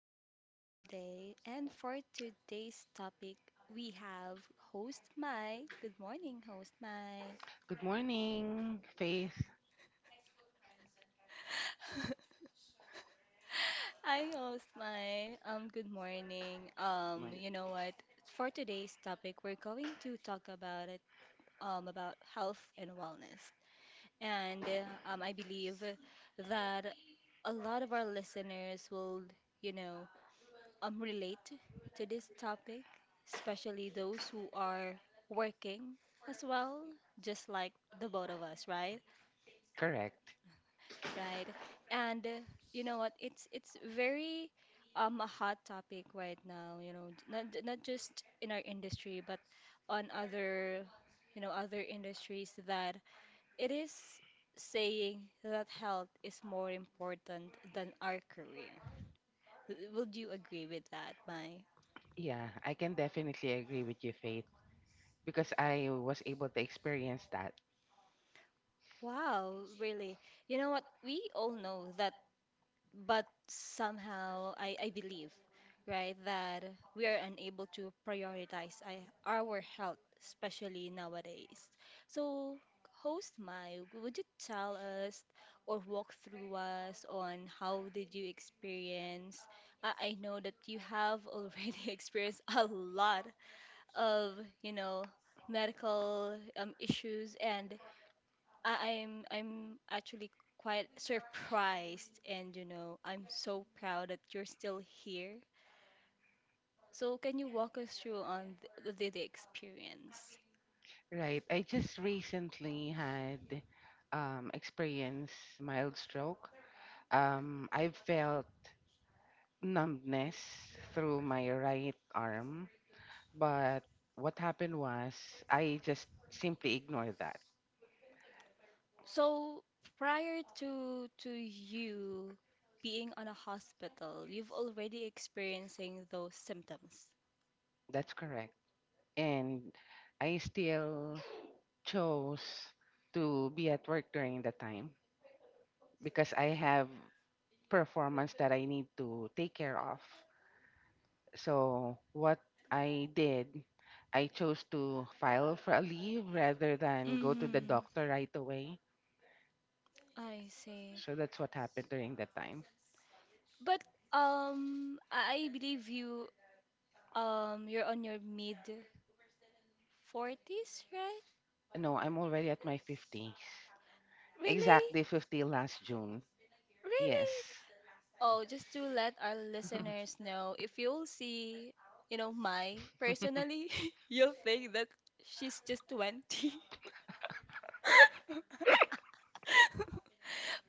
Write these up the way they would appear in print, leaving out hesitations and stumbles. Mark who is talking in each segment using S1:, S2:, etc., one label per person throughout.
S1: episode for today. And for today's topic, we have host Mai. Good morning, host Mai.
S2: Good morning, Faith. Good
S1: Hi, host Mai. Good morning. Um,
S2: morning.
S1: you know what? For today's topic, we're going to talk about it. About health and wellness. And I believe that a lot of our listeners will, you know, relate to this topic, especially those who are working as well, just like the both of us, right?
S2: Correct.
S1: Right. And you know what? It's very a hot topic right now. You know, not just in our industry, but on other other industries that it is saying that health is more important than our career. Would you agree with that, Mai?
S2: Yeah, I can definitely agree with you, Faith, because I was able to experience that.
S1: Wow, really. You know what? We all know that, but somehow I believe, right, that we are unable to prioritize our health, especially nowadays. So, host Mai, would you tell us or walk through us on how did you experience? I know that you have already experienced a lot of, you know, medical issues and I'm actually quite surprised and you know I'm so proud that you're still here. So can you walk us through on the experience?
S2: Right. I just recently had experienced mild stroke. I felt numbness through my right arm, but what happened was I just simply ignored that.
S1: So prior to you being on a hospital, you've already experiencing those symptoms.
S2: That's correct. And I still chose to be at work during the time because I have performance that I need to take care of. So what I did, I chose to file for a leave rather than go to the
S1: Mm-hmm.
S2: doctor right away.
S1: I see.
S2: So that's what happened during that time.
S1: But I believe you you're on your mid 40s, right?
S2: No, I'm already at my 50s.
S1: Really?
S2: Exactly 50 last June. Yes.
S1: Really? Oh, just to let our listeners know, if you'll see, you know, Mai personally, you'll think that she's just 20.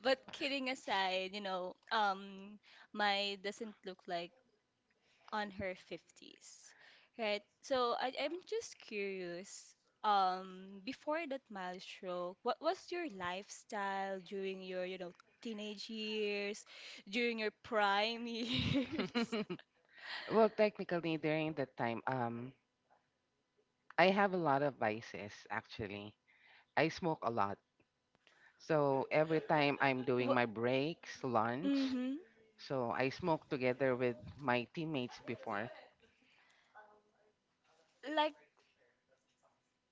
S1: But kidding aside, you know, Mai doesn't look like on her 50s, right? So I'm just curious, before that milestone, what was your lifestyle during your, you know, teenage years, during your prime years?
S2: Well, technically during that time, I have a lot of vices actually. I smoke a lot. So every time I'm doing
S1: Wha-
S2: my breaks, lunch,
S1: Mm-hmm.
S2: so I smoke together with my teammates before.
S1: Like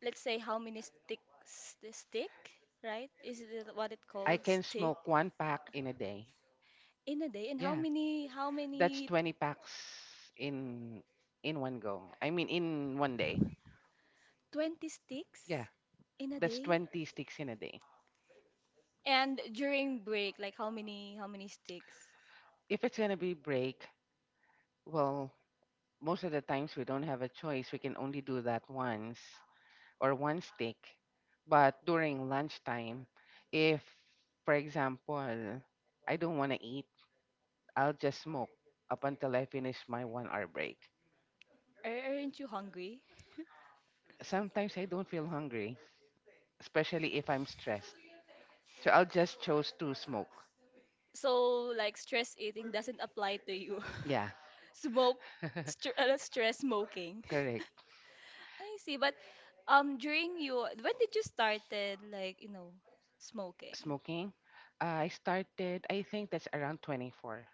S1: let's say how many sticks the stick, right? Is it what it
S2: I
S1: called
S2: can
S1: stick
S2: smoke one pack in a day.
S1: in a day? And
S2: Yeah,
S1: how
S2: that's
S1: many
S2: 20 packs in in one go. I mean in one day.
S1: 20
S2: Yeah,
S1: sticks in a
S2: that's
S1: day?
S2: 20 sticks in a day.
S1: And during break, like how many sticks?
S2: If it's going to be break, well, most of the times we don't have a choice. We can only do that once. Or one steak. But during lunchtime, if, for example, I don't want to eat, I'll just smoke up until I finish my one hour break.
S1: Aren't you hungry?
S2: Sometimes I don't feel hungry, especially if I'm stressed. So I'll just choose to smoke.
S1: So like stress eating doesn't apply to you.
S2: Yeah,
S1: Smoke str stress smoking.
S2: Correct.
S1: I see, but during you when did you started like, you know, smoking?
S2: Smoking. I started, I think that's around 24.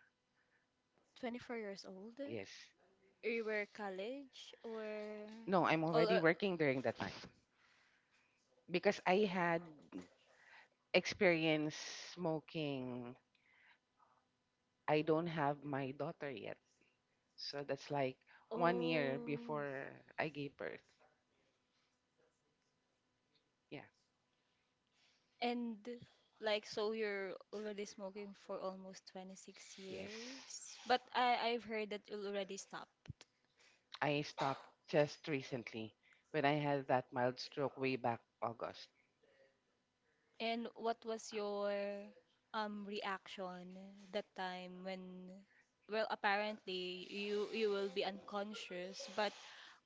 S1: 24 years old?
S2: Yes.
S1: You were college or
S2: No, I'm
S1: oh,
S2: already
S1: uh,
S2: working during that time because I had experience smoking. I don't have my daughter yet. So that's like one year
S1: oh.
S2: before I gave birth. Yeah.
S1: And like so you're already smoking for almost 26
S2: Yes.
S1: years. But I've heard that you already stopped.
S2: I stopped just recently when I had that mild stroke way back August.
S1: And what was your reaction that time when well apparently you you will be unconscious, but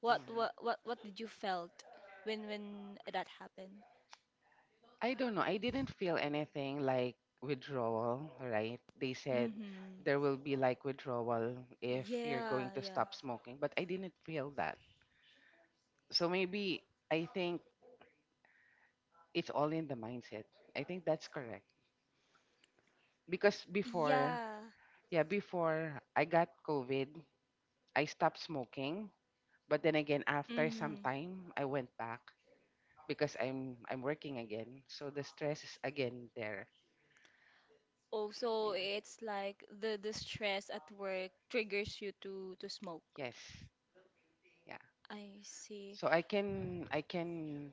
S2: Mhm.
S1: what did you felt when that happened?
S2: I don't know. I didn't feel anything like withdrawal, right? They said
S1: Mm-hmm.
S2: there will be like withdrawal if you're going
S1: Yeah,
S2: to
S1: yeah.
S2: stop smoking, but I didn't feel that. So maybe I think it's all in the mindset. I think that's correct. Because before,
S1: Yeah.
S2: yeah, before I got COVID, I stopped smoking, but then again after some
S1: Mhm.
S2: time I went back because I'm working again. So the stress is again there.
S1: Oh, so
S2: Yeah.
S1: it's like the stress at work triggers you to smoke.
S2: Yes. Yeah.
S1: I see.
S2: So I can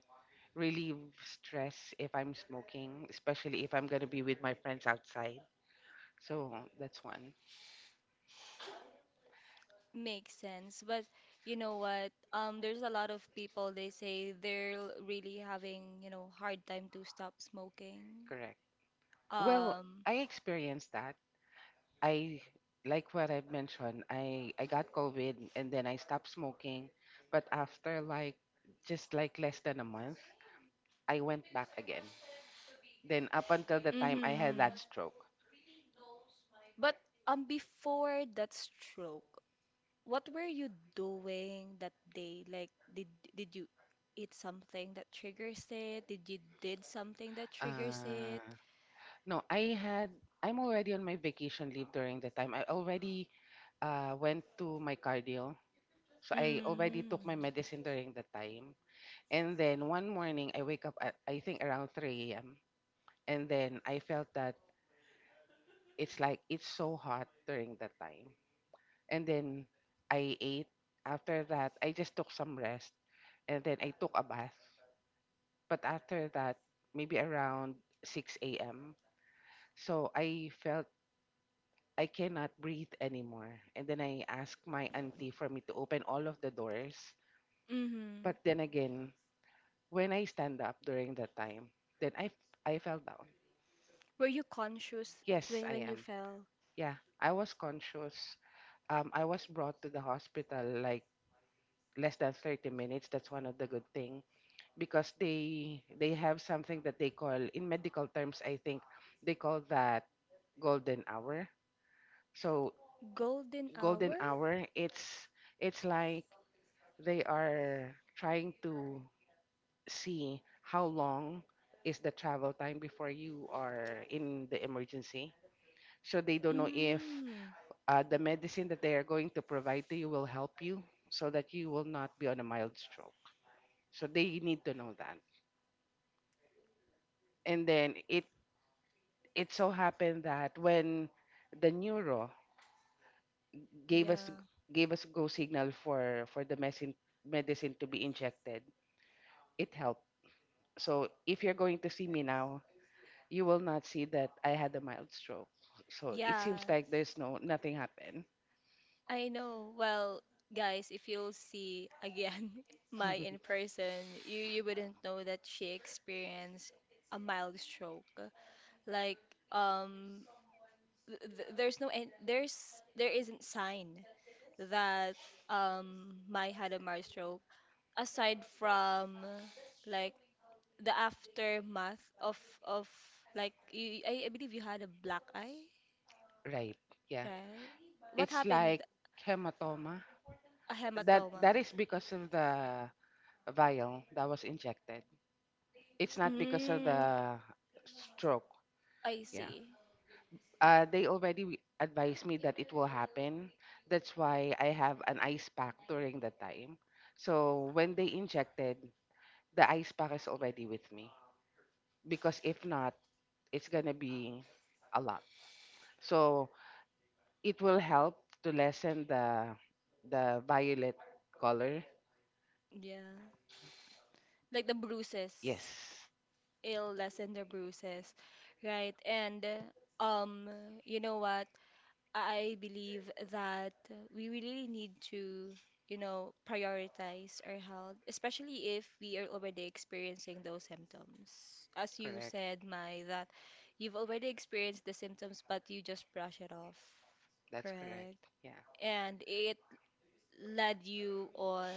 S2: relieve stress if I'm smoking, especially if I'm going to be with my friends outside. So that's one.
S1: Makes sense. But you know what? There's a lot of people they say they're really having, you know, hard time to stop smoking.
S2: Correct. Well,
S1: Um,
S2: I experienced that. I like what I've mentioned. I got COVID and then I stopped smoking, but after like just like less than a month, I went back again. Then up until the time I had
S1: mhm.
S2: that stroke.
S1: But before that stroke, what were you doing that day? Like, did you eat something that triggers it? Did you did something that triggers it?
S2: Uh, no, I had. I'm already on my vacation leave during the time. I already went to my cardio, so I already took
S1: Mm.
S2: my medicine during the time. And then one morning, I wake up. At, I think, around 3 a.m. And then I felt that it's like it's so hot during that time. And then I ate. After that, I just took some rest and then I took a bath. But after that, maybe around 6 a.m. So I felt I cannot breathe anymore. And then I asked my auntie for me to open all of the doors.
S1: Mm-hmm.
S2: But then again, when I stand up during that time, then I fell down.
S1: Were you conscious
S2: Yes, I
S1: when you
S2: am.
S1: fell?
S2: Yeah, I was conscious. I was brought to the hospital like less than 30 minutes. That's one of the good thing because they have something that they call in medical terms, I think they call that golden hour. So
S1: Golden
S2: golden
S1: hour?
S2: hour, it's like they are trying to see how long is the travel time before you are in the emergency, so they don't know if
S1: Mm.
S2: the medicine that they are going to provide to you will help you, so that you will not be on a mild stroke. So they need to know that. And then it so happened that when the neuro gave us
S1: Yeah.
S2: gave us go signal for the medicine to be injected, it helped. So if you're going to see me now, you will not see that I had a mild stroke. So it seems
S1: Yeah.
S2: like there's no nothing happened.
S1: I know. Well, guys, if you'll see again my in person, you wouldn't know that she experienced a mild stroke. Like um there's no end. There isn't sign that Mai had a mild stroke aside from like the aftermath of of like you, I believe you had a black eye,
S2: Right, yeah,
S1: right? What
S2: it's
S1: happened?
S2: like hematoma.
S1: A
S2: that
S1: hematoma.
S2: that is because of the vial that was injected. It's not because of
S1: Mm,
S2: the stroke.
S1: I
S2: Yeah.
S1: see.
S2: They already advised me that it will happen. That's why I have an ice pack during that time. So when they injected, the ice pack is already with me because if not, it's gonna be a lot. So it will help to lessen the violet color.
S1: Yeah. Like the bruises.
S2: Yes,
S1: It'll lessen the bruises, right? And um, you know what? I believe that we really need to, you know, prioritize our health, especially if we are already experiencing those symptoms. As you
S2: correct.
S1: said, Mai, that you've already experienced the symptoms, but you just brush it off.
S2: That's correct.
S1: Correct.
S2: Yeah,
S1: And it led you on.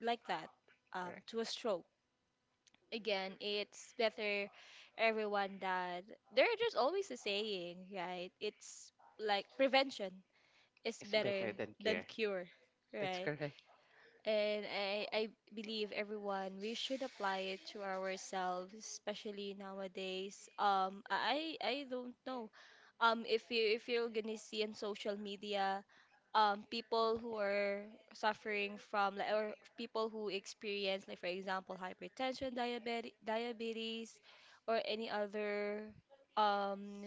S1: Like that
S2: correct.
S1: to a stroke. Again, it's better everyone that there is just always a saying, right? It's like prevention is
S2: It's
S1: better
S2: better than
S1: than
S2: cure.
S1: cure,
S2: That's
S1: right?
S2: correct.
S1: And I believe everyone, we should apply it to ourselves, especially nowadays. I don't know. If you if you're gonna see on social media, people who are suffering from like, or people who experience like for example hypertension, diabetes, diabetes, or any other um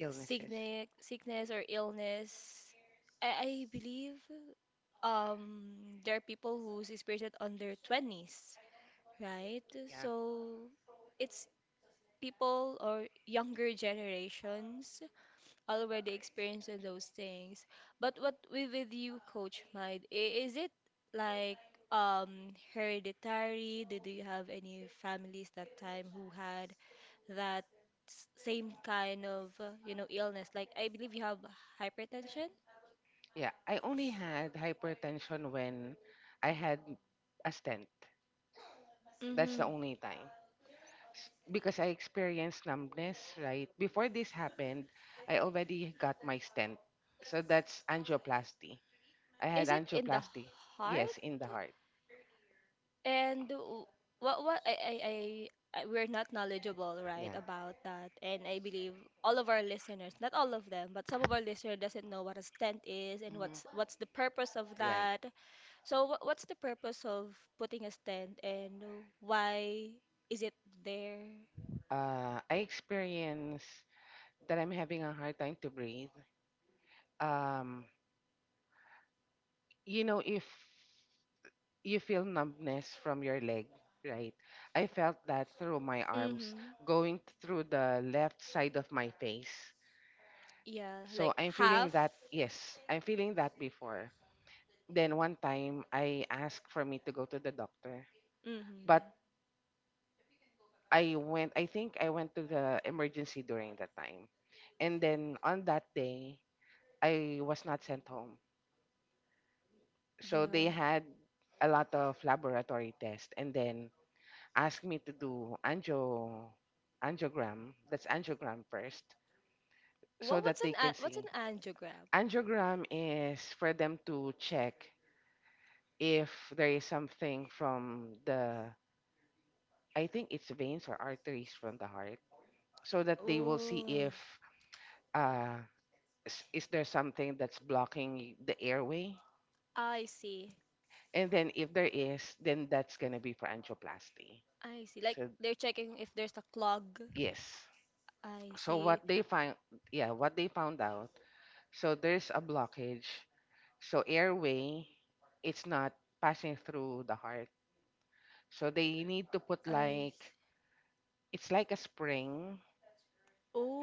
S2: Illnesses.
S1: sickness or illness. I believe there are people who's experienced it on their 20s, right?
S2: Yeah.
S1: So it's people or younger generations already experiencing those things, but what with you, coach Mind, is it like hereditary? Did you have any families that time who had that same kind of you know, illness? Like I believe you have hypertension.
S2: Yeah, I only had hypertension when I had a stent. That's the
S1: Hmm.
S2: only time. Because I experienced numbness, right? Before this happened, I already got my stent. So that's angioplasty. I had
S1: Is it in the
S2: angioplasty.
S1: heart?
S2: Yes, in the heart.
S1: And what I we're not knowledgeable,
S2: Yeah.
S1: right, about that. And I believe all of our listeners, not all of them, but some of our listeners doesn't know what a stent is and
S2: Mhm.
S1: what's the purpose of
S2: Right.
S1: that. So what's the purpose of putting a stent and why is it there?
S2: I experience that I'm having a hard time to breathe. Um, if you feel numbness from your leg, right? I felt that through my arms,
S1: Mm-hmm.
S2: going through the left side of my face.
S1: Yeah,
S2: So
S1: like
S2: I'm feeling
S1: half.
S2: that, yes, I'm feeling that before. Then one time I asked for me to go to the doctor,
S1: Mm-hmm.
S2: but I went, I think I went to the emergency during that time. And then on that day, I was not sent home. So they
S1: Yeah.
S2: had a lot of laboratory tests and then asked me to do angiogram. That's angiogram first, so that they can
S1: What's
S2: see.
S1: an angiogram?
S2: Angiogram is for them to check if there is something from the, I think it's veins or arteries from the heart, so that they will see
S1: Oh,
S2: if uh, is there something that's blocking the airway,
S1: I see.
S2: and then if there is, then that's gonna be for angioplasty.
S1: I see. Like
S2: So
S1: they're checking if there's a clog.
S2: yes.
S1: I
S2: So
S1: see.
S2: yeah, what they found out. So there's a blockage. So airway, it's not passing through the heart. So they need to put
S1: I s-
S2: like, it's like a spring,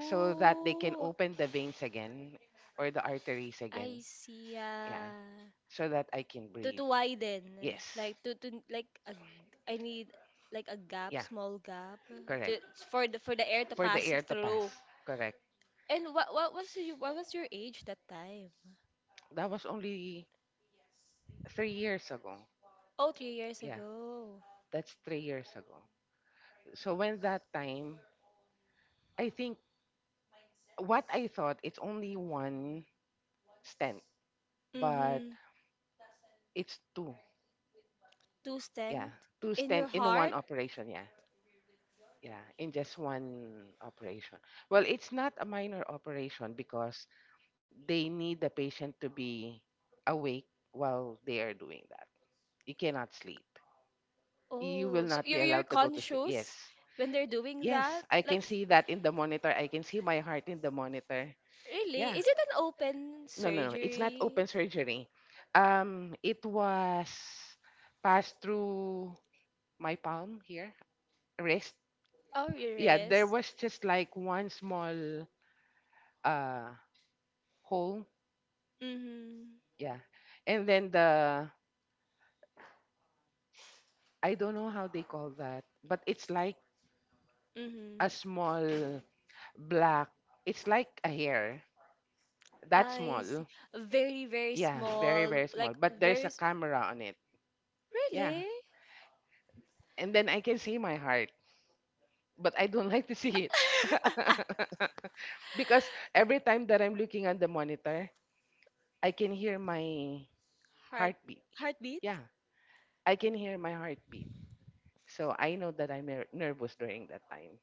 S2: so that they can open the veins again or the arteries again.
S1: I see.
S2: Yeah.
S1: Yeah.
S2: So that I can breathe.
S1: To widen,
S2: Yes.
S1: like to like a, I need like a gap,
S2: Yeah,
S1: small gap,
S2: correct.
S1: to, for the air to
S2: For the
S1: pass
S2: air to pass.
S1: through.
S2: Correct.
S1: And what was your age that time?
S2: That was only 3 years ago.
S1: Oh, 3 years
S2: Yeah,
S1: ago.
S2: that's 3 years ago. So when that time, I think what I thought, it's only one stent but
S1: Mm-hmm.
S2: it's two.
S1: To
S2: Yeah,
S1: stand
S2: two
S1: in your
S2: stand in one
S1: heart?
S2: operation. Yeah, yeah, in just one operation. Well, it's not a minor operation because they need the patient to be awake while they are doing that. You cannot sleep. You will
S1: Oh, so
S2: not be
S1: you're
S2: allowed to go to sleep.
S1: conscious
S2: Yes,
S1: when they're doing
S2: yes,
S1: that?
S2: I
S1: Like,
S2: can see that in the monitor. I can see my heart in the monitor. Yeah,
S1: really? Is it an open
S2: no, no, no. It's not
S1: surgery?
S2: open surgery. It was passed through my palm here rest.
S1: Oh, your
S2: Yeah, there
S1: wrist.
S2: was just like one small uh hole.
S1: Mm-hmm.
S2: Yeah, and then the I don't know how they call that, but it's like
S1: Mm-hmm.
S2: a small black, it's like a hair that
S1: I
S2: small.
S1: see. Very, very
S2: Yeah, very very
S1: small,
S2: small,
S1: like
S2: but there's a camera on it. Yeah,
S1: really?
S2: and then I can see my heart, but I don't like to see it. Because every time that I'm looking at the monitor, I can hear my
S1: Heart
S2: heartbeat. Yeah,
S1: heartbeat?
S2: I can hear my heartbeat. So I know that I'm nervous during that time.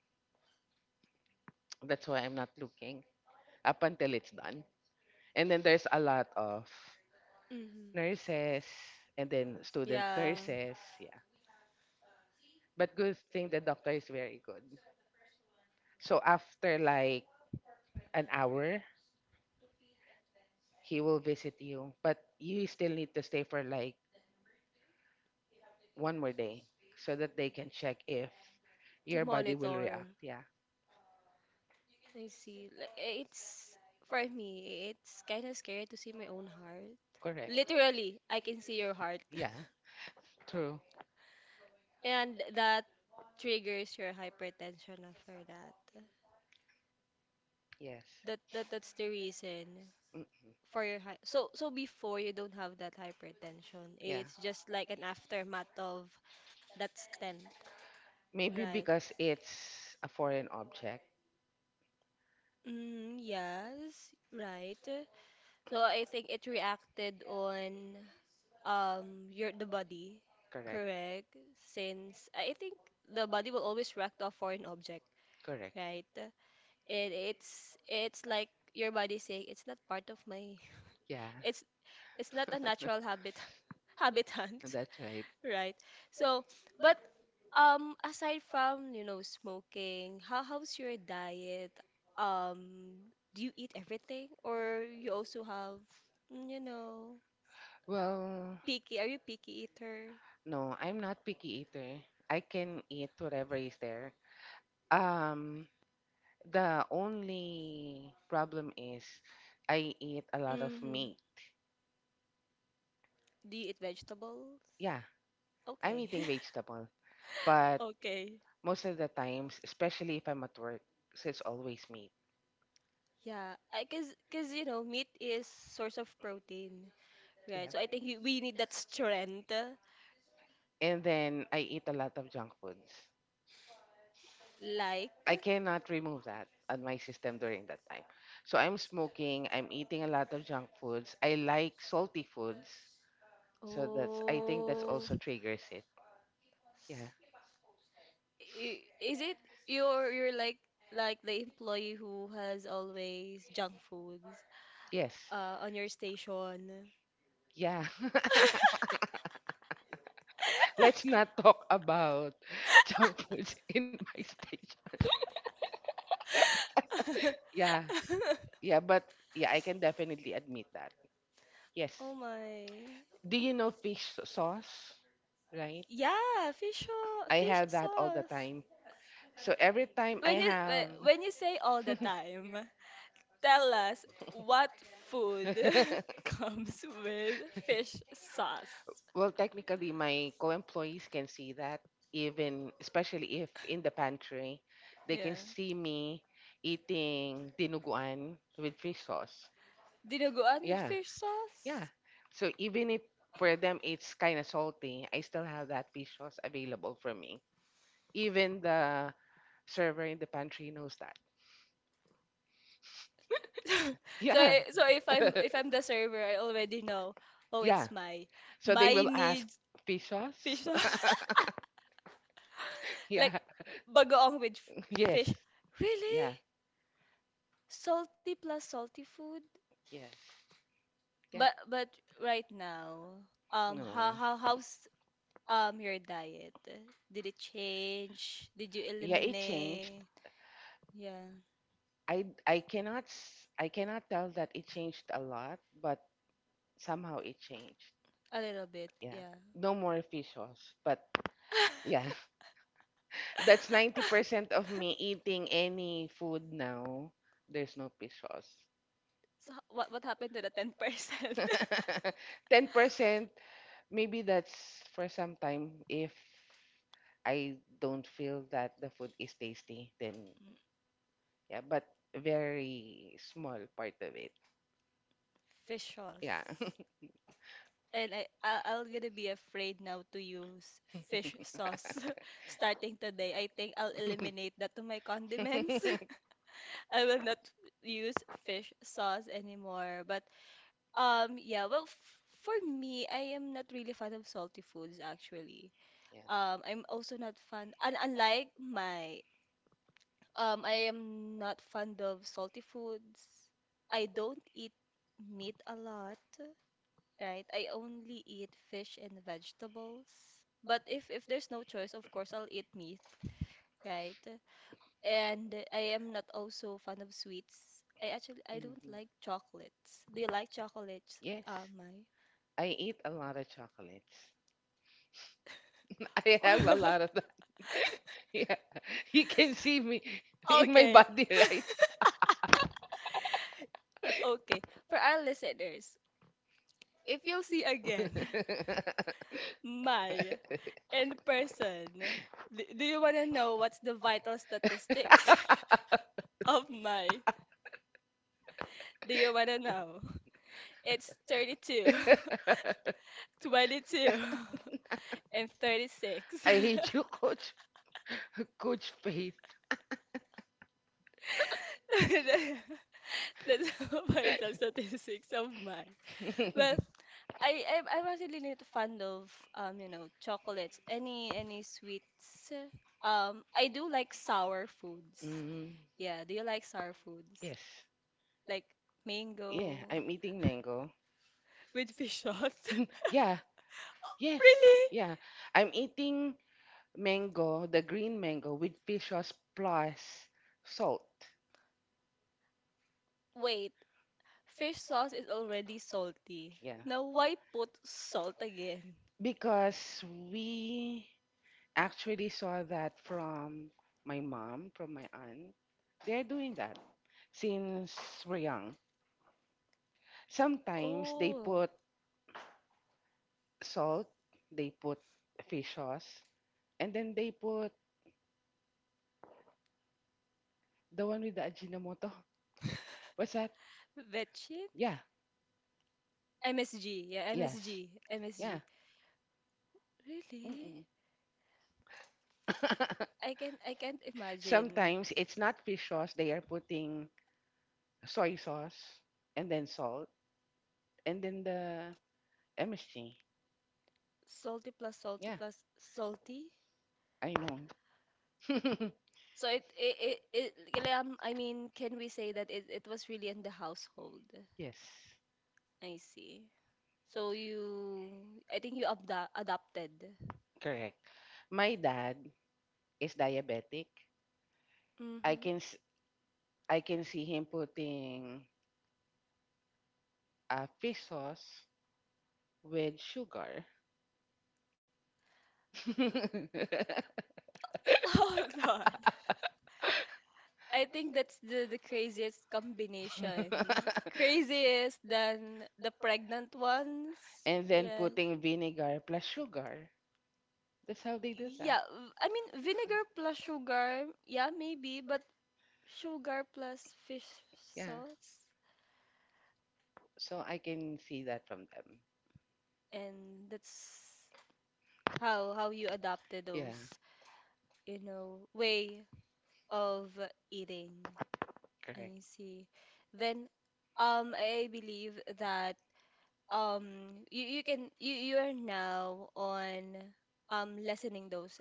S2: That's why I'm not looking up until it's done. And then there's a lot of
S1: Mhm.
S2: nurses and then student
S1: Yeah,
S2: nurses. Yeah. But good thing the doctor is very good. So after like an hour, he will visit you. But you still need to stay for like one more day so that they can check if
S1: to
S2: your body will react.
S1: monitor.
S2: Yeah.
S1: I see. Like, it's for me, it's kind of scary to see my own heart.
S2: Correct.
S1: Literally, I can see your heart.
S2: Yeah. True.
S1: And that triggers your hypertension after that.
S2: Yes.
S1: That's the reason
S2: Mm-mm.
S1: for your high. So so before you don't have that hypertension,
S2: Yeah.
S1: it's just like an aftermath of that stent,
S2: Maybe
S1: right?
S2: because it's a foreign object.
S1: Mm, yes, right. So I think it reacted on your the body,
S2: Correct.
S1: correct? Since I think the body will always react to a foreign object,
S2: Correct.
S1: right? And it's like your body saying it's not part of my
S2: Yeah.
S1: it's it's not a natural habit habitant,
S2: That's right.
S1: right? So, but aside from, you know, smoking, how how's your diet? Do you eat everything or you also have, mm, you know,
S2: Well,
S1: picky? Are you picky eater?
S2: no, I'm not picky eater. I can eat whatever is there. Um, the only problem is I eat a lot of
S1: Mm-hmm.
S2: meat.
S1: Do you eat vegetables?
S2: Yeah, I'm
S1: Okay.
S2: eating vegetable, but
S1: Okay.
S2: most of the times, especially if I'm at work, so it's always meat.
S1: Yeah, I cause you know meat is source of protein, right?
S2: Yeah.
S1: So I think we need that strength,
S2: And then I eat a lot of junk foods.
S1: like.
S2: I cannot remove that on my system during that time. So I'm smoking, I'm eating a lot of junk foods. I like salty foods. So that's I think that's
S1: Oh,
S2: also triggers it. Yeah.
S1: is it? You're like the employee who has always junk foods
S2: Yes.
S1: on your station.
S2: Yeah. Let's not talk about junk foods in my stage. Yeah. Yeah, but yeah, I can definitely admit that. Yes.
S1: Oh my.
S2: Do you know fish sauce? Right?
S1: Yeah,
S2: I
S1: fish
S2: have that all the
S1: sauce.
S2: time. So every time I
S1: When
S2: have
S1: when you say all the time, tell us what food comes with fish sauce.
S2: Well, technically, my co-employees can see that, even especially if in the pantry, they can
S1: Yeah.
S2: see me eating dinuguan with fish sauce.
S1: Dinuguan with
S2: Yeah,
S1: fish
S2: yeah.
S1: sauce?
S2: So even if for them it's kind of salty, I still have that fish sauce available for me. Even the server in the pantry knows.
S1: So
S2: Yeah.
S1: so if I'm the server, I already know. Oh,
S2: Yeah.
S1: it's my
S2: So
S1: my
S2: they will ask
S1: needs
S2: pesos.
S1: fish sauce. Like
S2: Yeah.
S1: bagoong with
S2: Yes.
S1: fish. Really?
S2: Yeah.
S1: Salty plus salty food?
S2: Yes. Yeah.
S1: But right now, how
S2: No.
S1: how's your diet? Did it change? Did you
S2: Yeah, it changed.
S1: eliminate? Yeah,
S2: I cannot s- I cannot tell that it changed a lot, but somehow it changed.
S1: a little bit.
S2: Yeah.
S1: Yeah.
S2: No more fish sauce, but yeah, that's 90% of me eating any food now. There's no fish sauce.
S1: So what happened to the 10%?
S2: 10%, maybe that's for some time. If I don't feel that the food is tasty, then yeah, but very small part of it.
S1: Fish
S2: Yeah.
S1: sauce. And I'll gonna be afraid now to use fish
S2: yeah.
S1: sauce starting today. I think I'll eliminate that to my condiments. I will not use fish sauce anymore. But yeah, well f for me, I am not really fan of salty foods actually. I'm also not fan and unlike my I am not fond of salty foods. I don't eat meat a lot, right? I only eat fish and vegetables. But if there's no choice, of course I'll eat meat, right? And I am not also fan of sweets. I actually I don't
S2: Mhm.
S1: like chocolates. Do you like chocolates?
S2: Yes,
S1: My.
S2: I eat a lot of chocolates. I have a lot of that. yeah, you can see me in my
S1: Okay.
S2: body, right?
S1: Okay. For our listeners, if you'll see again my and person, do you want to know what's the vital statistics of my? Do you want to know? It's 32, 22, and 36.
S2: I hate you, Coach. Coach Faith.
S1: That's my top statistics of mine. Well, I'm actually not fond of, you know, chocolates, any sweets. I do like sour foods.
S2: mm,
S1: Yeah, do you like sour foods?
S2: yes.
S1: Like
S2: Yeah,
S1: mango
S2: I'm eating mango.
S1: with fish sauce?
S2: Yeah, yes,
S1: Really?
S2: yeah. I'm eating mango, the green mango with fish sauce plus salt.
S1: Wait, fish sauce is already salty.
S2: Yeah,
S1: Now, why put salt again?
S2: because we actually saw that from my mom, from my aunt. They're doing that since we're young. Sometimes they
S1: Oh,
S2: put salt, they put fish sauce, and then they put the one with the Ajinomoto. What's that?
S1: vetching?
S2: Yeah.
S1: MSG. Yeah,
S2: Yes.
S1: MSG.
S2: Yeah.
S1: MSG. Really?
S2: Mm-mm.
S1: I can I can't imagine.
S2: Sometimes it's not fish sauce, they are putting soy sauce and then salt and then the MSG.
S1: Salty plus salty
S2: Yeah,
S1: plus salty.
S2: I know.
S1: So it like, I mean, can we say that it was really in the household?
S2: yes.
S1: I see. So you, I think you abda adopted.
S2: Correct. My dad is diabetic. I
S1: Mm-hmm.
S2: can s- I can see him putting fish sauce with sugar.
S1: Hold on. I think that's the craziest combination. Craziest than the pregnant ones.
S2: and then
S1: Yeah.
S2: putting vinegar plus sugar. That's how they do that.
S1: Yeah, I mean vinegar plus sugar, yeah, maybe, but sugar plus fish
S2: Yeah.
S1: sauce,
S2: So I can see that from them.
S1: and that's how you adapted
S2: Yeah.
S1: those, way of eating. I
S2: Correct.
S1: see. Then, I believe that you, you can you you're now on lessening those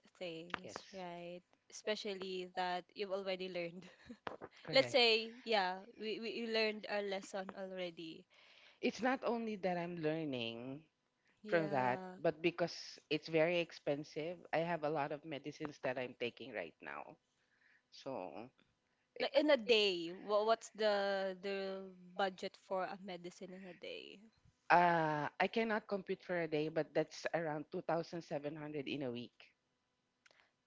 S2: Yes.
S1: things, right? Especially that you've already learned. Let's
S2: Correct.
S1: say, yeah, we you learned our lesson already.
S2: It's not only that I'm learning from that,
S1: Yeah.
S2: but because it's very expensive, I have a lot of medicines that I'm taking right now. So
S1: Like in a day, what what's the budget for a medicine in a day?
S2: I cannot compute for a day, but that's around 2,700 in a week.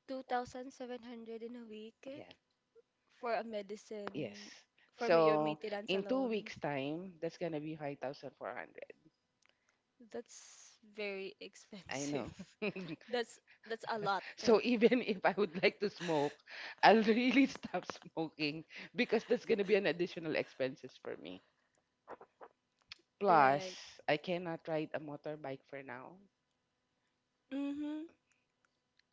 S1: 2,700 in a week
S2: Yeah,
S1: for a
S2: yes.
S1: medicine for your
S2: So
S1: maintenance
S2: in two
S1: alone.
S2: weeks' time, that's gonna be 5,400.
S1: That's very
S2: I know.
S1: expensive. That's that's a lot.
S2: So even if I would like to smoke, I'll really stop smoking because that's gonna be an additional expenses for me.
S1: Right.
S2: Plus, I cannot ride a motorbike for now.
S1: Mm-hmm.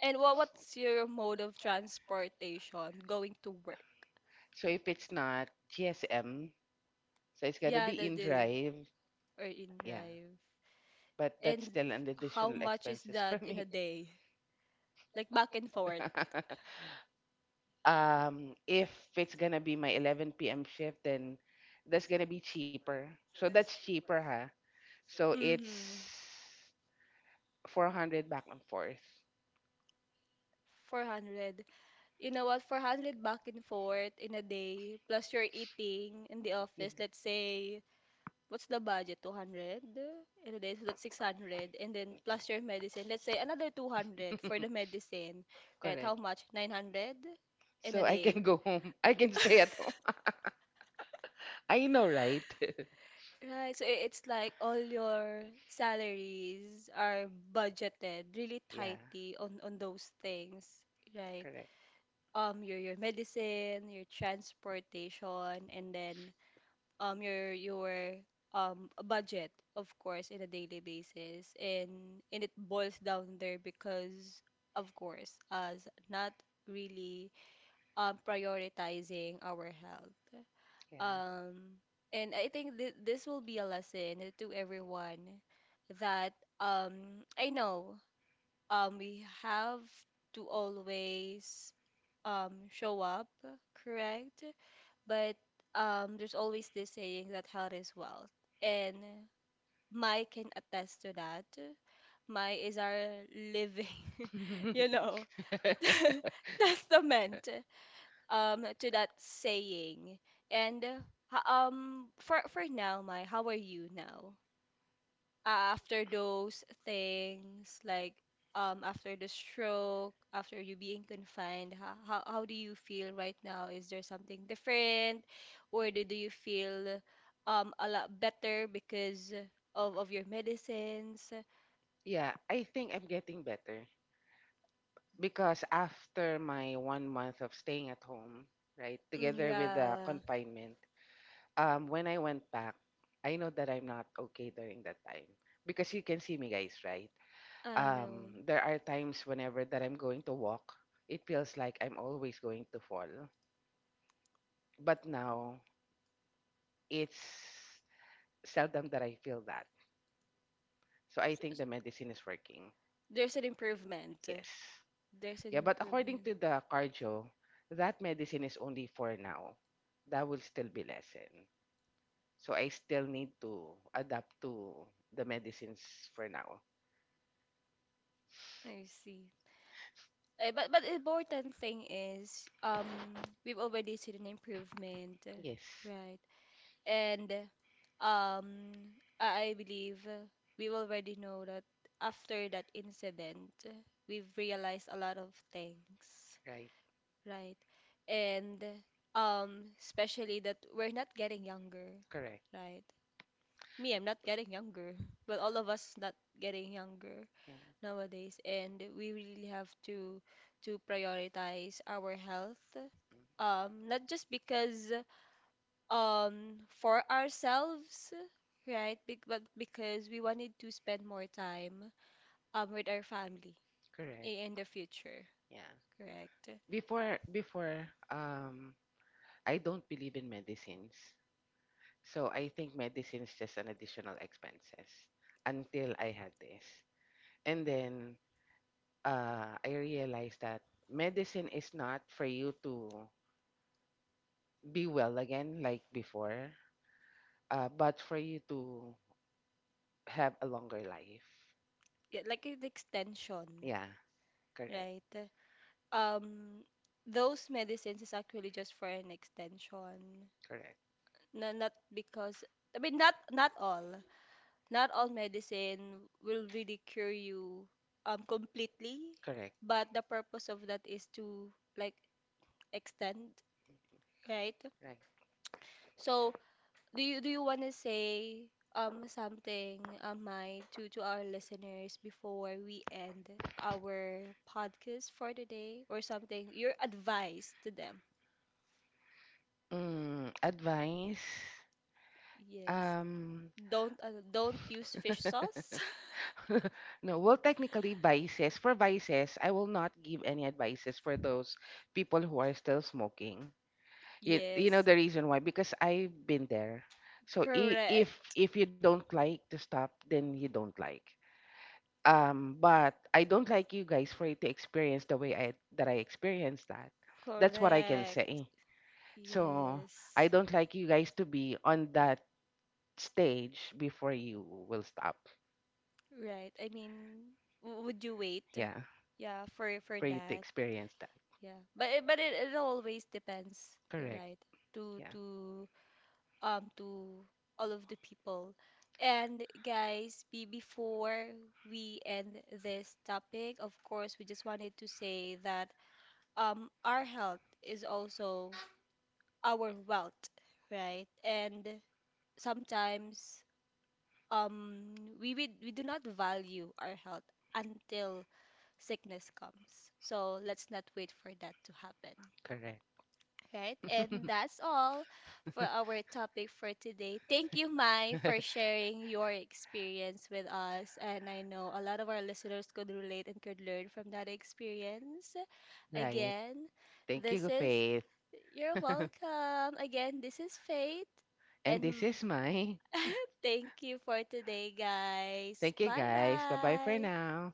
S1: And what's your mode of transportation going to work?
S2: So if it's not GSM, so it's gotta
S1: Yeah,
S2: be
S1: that
S2: in
S1: is
S2: drive.
S1: or in
S2: Yeah,
S1: drive.
S2: but that's
S1: And
S2: still an
S1: how
S2: additional
S1: much is
S2: expenses for
S1: that in a
S2: me.
S1: day? Like back and forth.
S2: If it's gonna be my 11 p.m. shift, then that's gonna be cheaper. So that's cheaper, huh? So it's
S1: Mm-hmm.
S2: 400 back and forth.
S1: 400. You know what, 400 back and forth in a day, plus you're eating in the
S2: Yeah.
S1: office, let's say, what's the budget, 200 in a day, so that's 600, and then plus your medicine, let's say another 200 for the medicine, right? How
S2: Correct.
S1: much? 900 in a
S2: So I
S1: day.
S2: can go home. I can stay at home. I know, right?
S1: Right, so it's like all your salaries are budgeted really
S2: yeah.
S1: tightly on those things, right?
S2: Correct.
S1: Your medicine, your transportation, and then your budget of course in a daily basis, and it boils down there because of course us not really prioritizing our health, um and I think th this will be a lesson to everyone that I know we have to always show up correct, but there's always this saying that health is wealth, and Mai can attest to that. Mai is our living,
S2: Yeah.
S1: you know, testament to that saying. And for now, Mai, how are you now? After those things, like after the stroke, after you being confined, how do you feel right now? Is there something different, or do you feel a lot better because of your medicines?
S2: yeah, I think I'm getting better because after my 1 month of staying at home, right,
S1: Mm.
S2: together with the
S1: Yeah,
S2: confinement, when I went back, I know that I'm not okay during that time because you can see me, guys, right?
S1: I know.
S2: There are times whenever that I'm going to walk, it feels like I'm always going to fall. But now it's seldom that I feel that. So I think the medicine is working.
S1: There's an improvement.
S2: Yes.
S1: There's an
S2: Yeah, but according
S1: improvement.
S2: to the cardio, that medicine is only for now. That will still be lessen. So I still need to adapt to the medicines for now.
S1: I see. Eh, but the important thing is we've already seen an improvement,
S2: Yes,
S1: right? And um I believe we already know that after that incident, we've realized a lot of things,
S2: right.
S1: right? And especially that we're not getting younger,
S2: Correct.
S1: right? Me, I'm not getting younger. Well, all of us not getting younger
S2: Yeah.
S1: nowadays, and we really have to prioritize our health.
S2: Mm,
S1: Not just because for ourselves, right? Be but because we wanted to spend more time with our family in
S2: correct.
S1: the future,
S2: Yeah.
S1: correct?
S2: Before um I don't believe in medicines. So I think medicine is just an additional expenses until I had this. And then I realized that medicine is not for you to be well again like before, but for you to have a longer life.
S1: Yeah, like an extension.
S2: Yeah, correct.
S1: Right. Um, those medicines is actually just for an extension.
S2: Correct.
S1: No, not because I mean not all. Not all medicine will really cure you completely,
S2: Correct.
S1: but the purpose of that is to like extend, right?
S2: Right.
S1: So, do you want to say something, my to our listeners before we end our podcast for today, or something? Your advice to them?
S2: Mm, advice.
S1: Yes.
S2: Um,
S1: Don't use fish sauce.
S2: no, well, technically, vices. For vices, I will not give any advices for those people who are still smoking. You know
S1: Yes.
S2: the reason why? Because I've been there. So I- if
S1: Correct.
S2: if you don't like to stop, then you don't like. But I don't like you guys for you to experience the way I that I experienced that. That's what I can
S1: Correct.
S2: say. So I
S1: Yes.
S2: don't like you guys to be on that stage before you will stop.
S1: Right. I mean, w would you wait?
S2: Yeah,
S1: Yeah, for
S2: for you to
S1: that.
S2: experience that.
S1: Yeah. But it always depends, the
S2: Correct.
S1: right? To
S2: Yeah,
S1: to all of the people. And guys, be before we end this topic, of course, we just wanted to say that our health is also our wealth, right? And sometimes we do not value our health until sickness comes. So let's not wait for that to happen.
S2: correct.
S1: Right? And that's all for our topic for today. Thank you, Mai, for sharing your experience with us. And I know a lot of our listeners could relate and could learn from that experience.
S2: right.
S1: Again,
S2: Thank
S1: this
S2: you,
S1: is
S2: Faith.
S1: you're welcome. Again, this is Faith
S2: And this
S1: and
S2: is my.
S1: thank you for today, guys.
S2: Thank you,
S1: Bye
S2: guys. Bye bye for
S1: bye.
S2: now.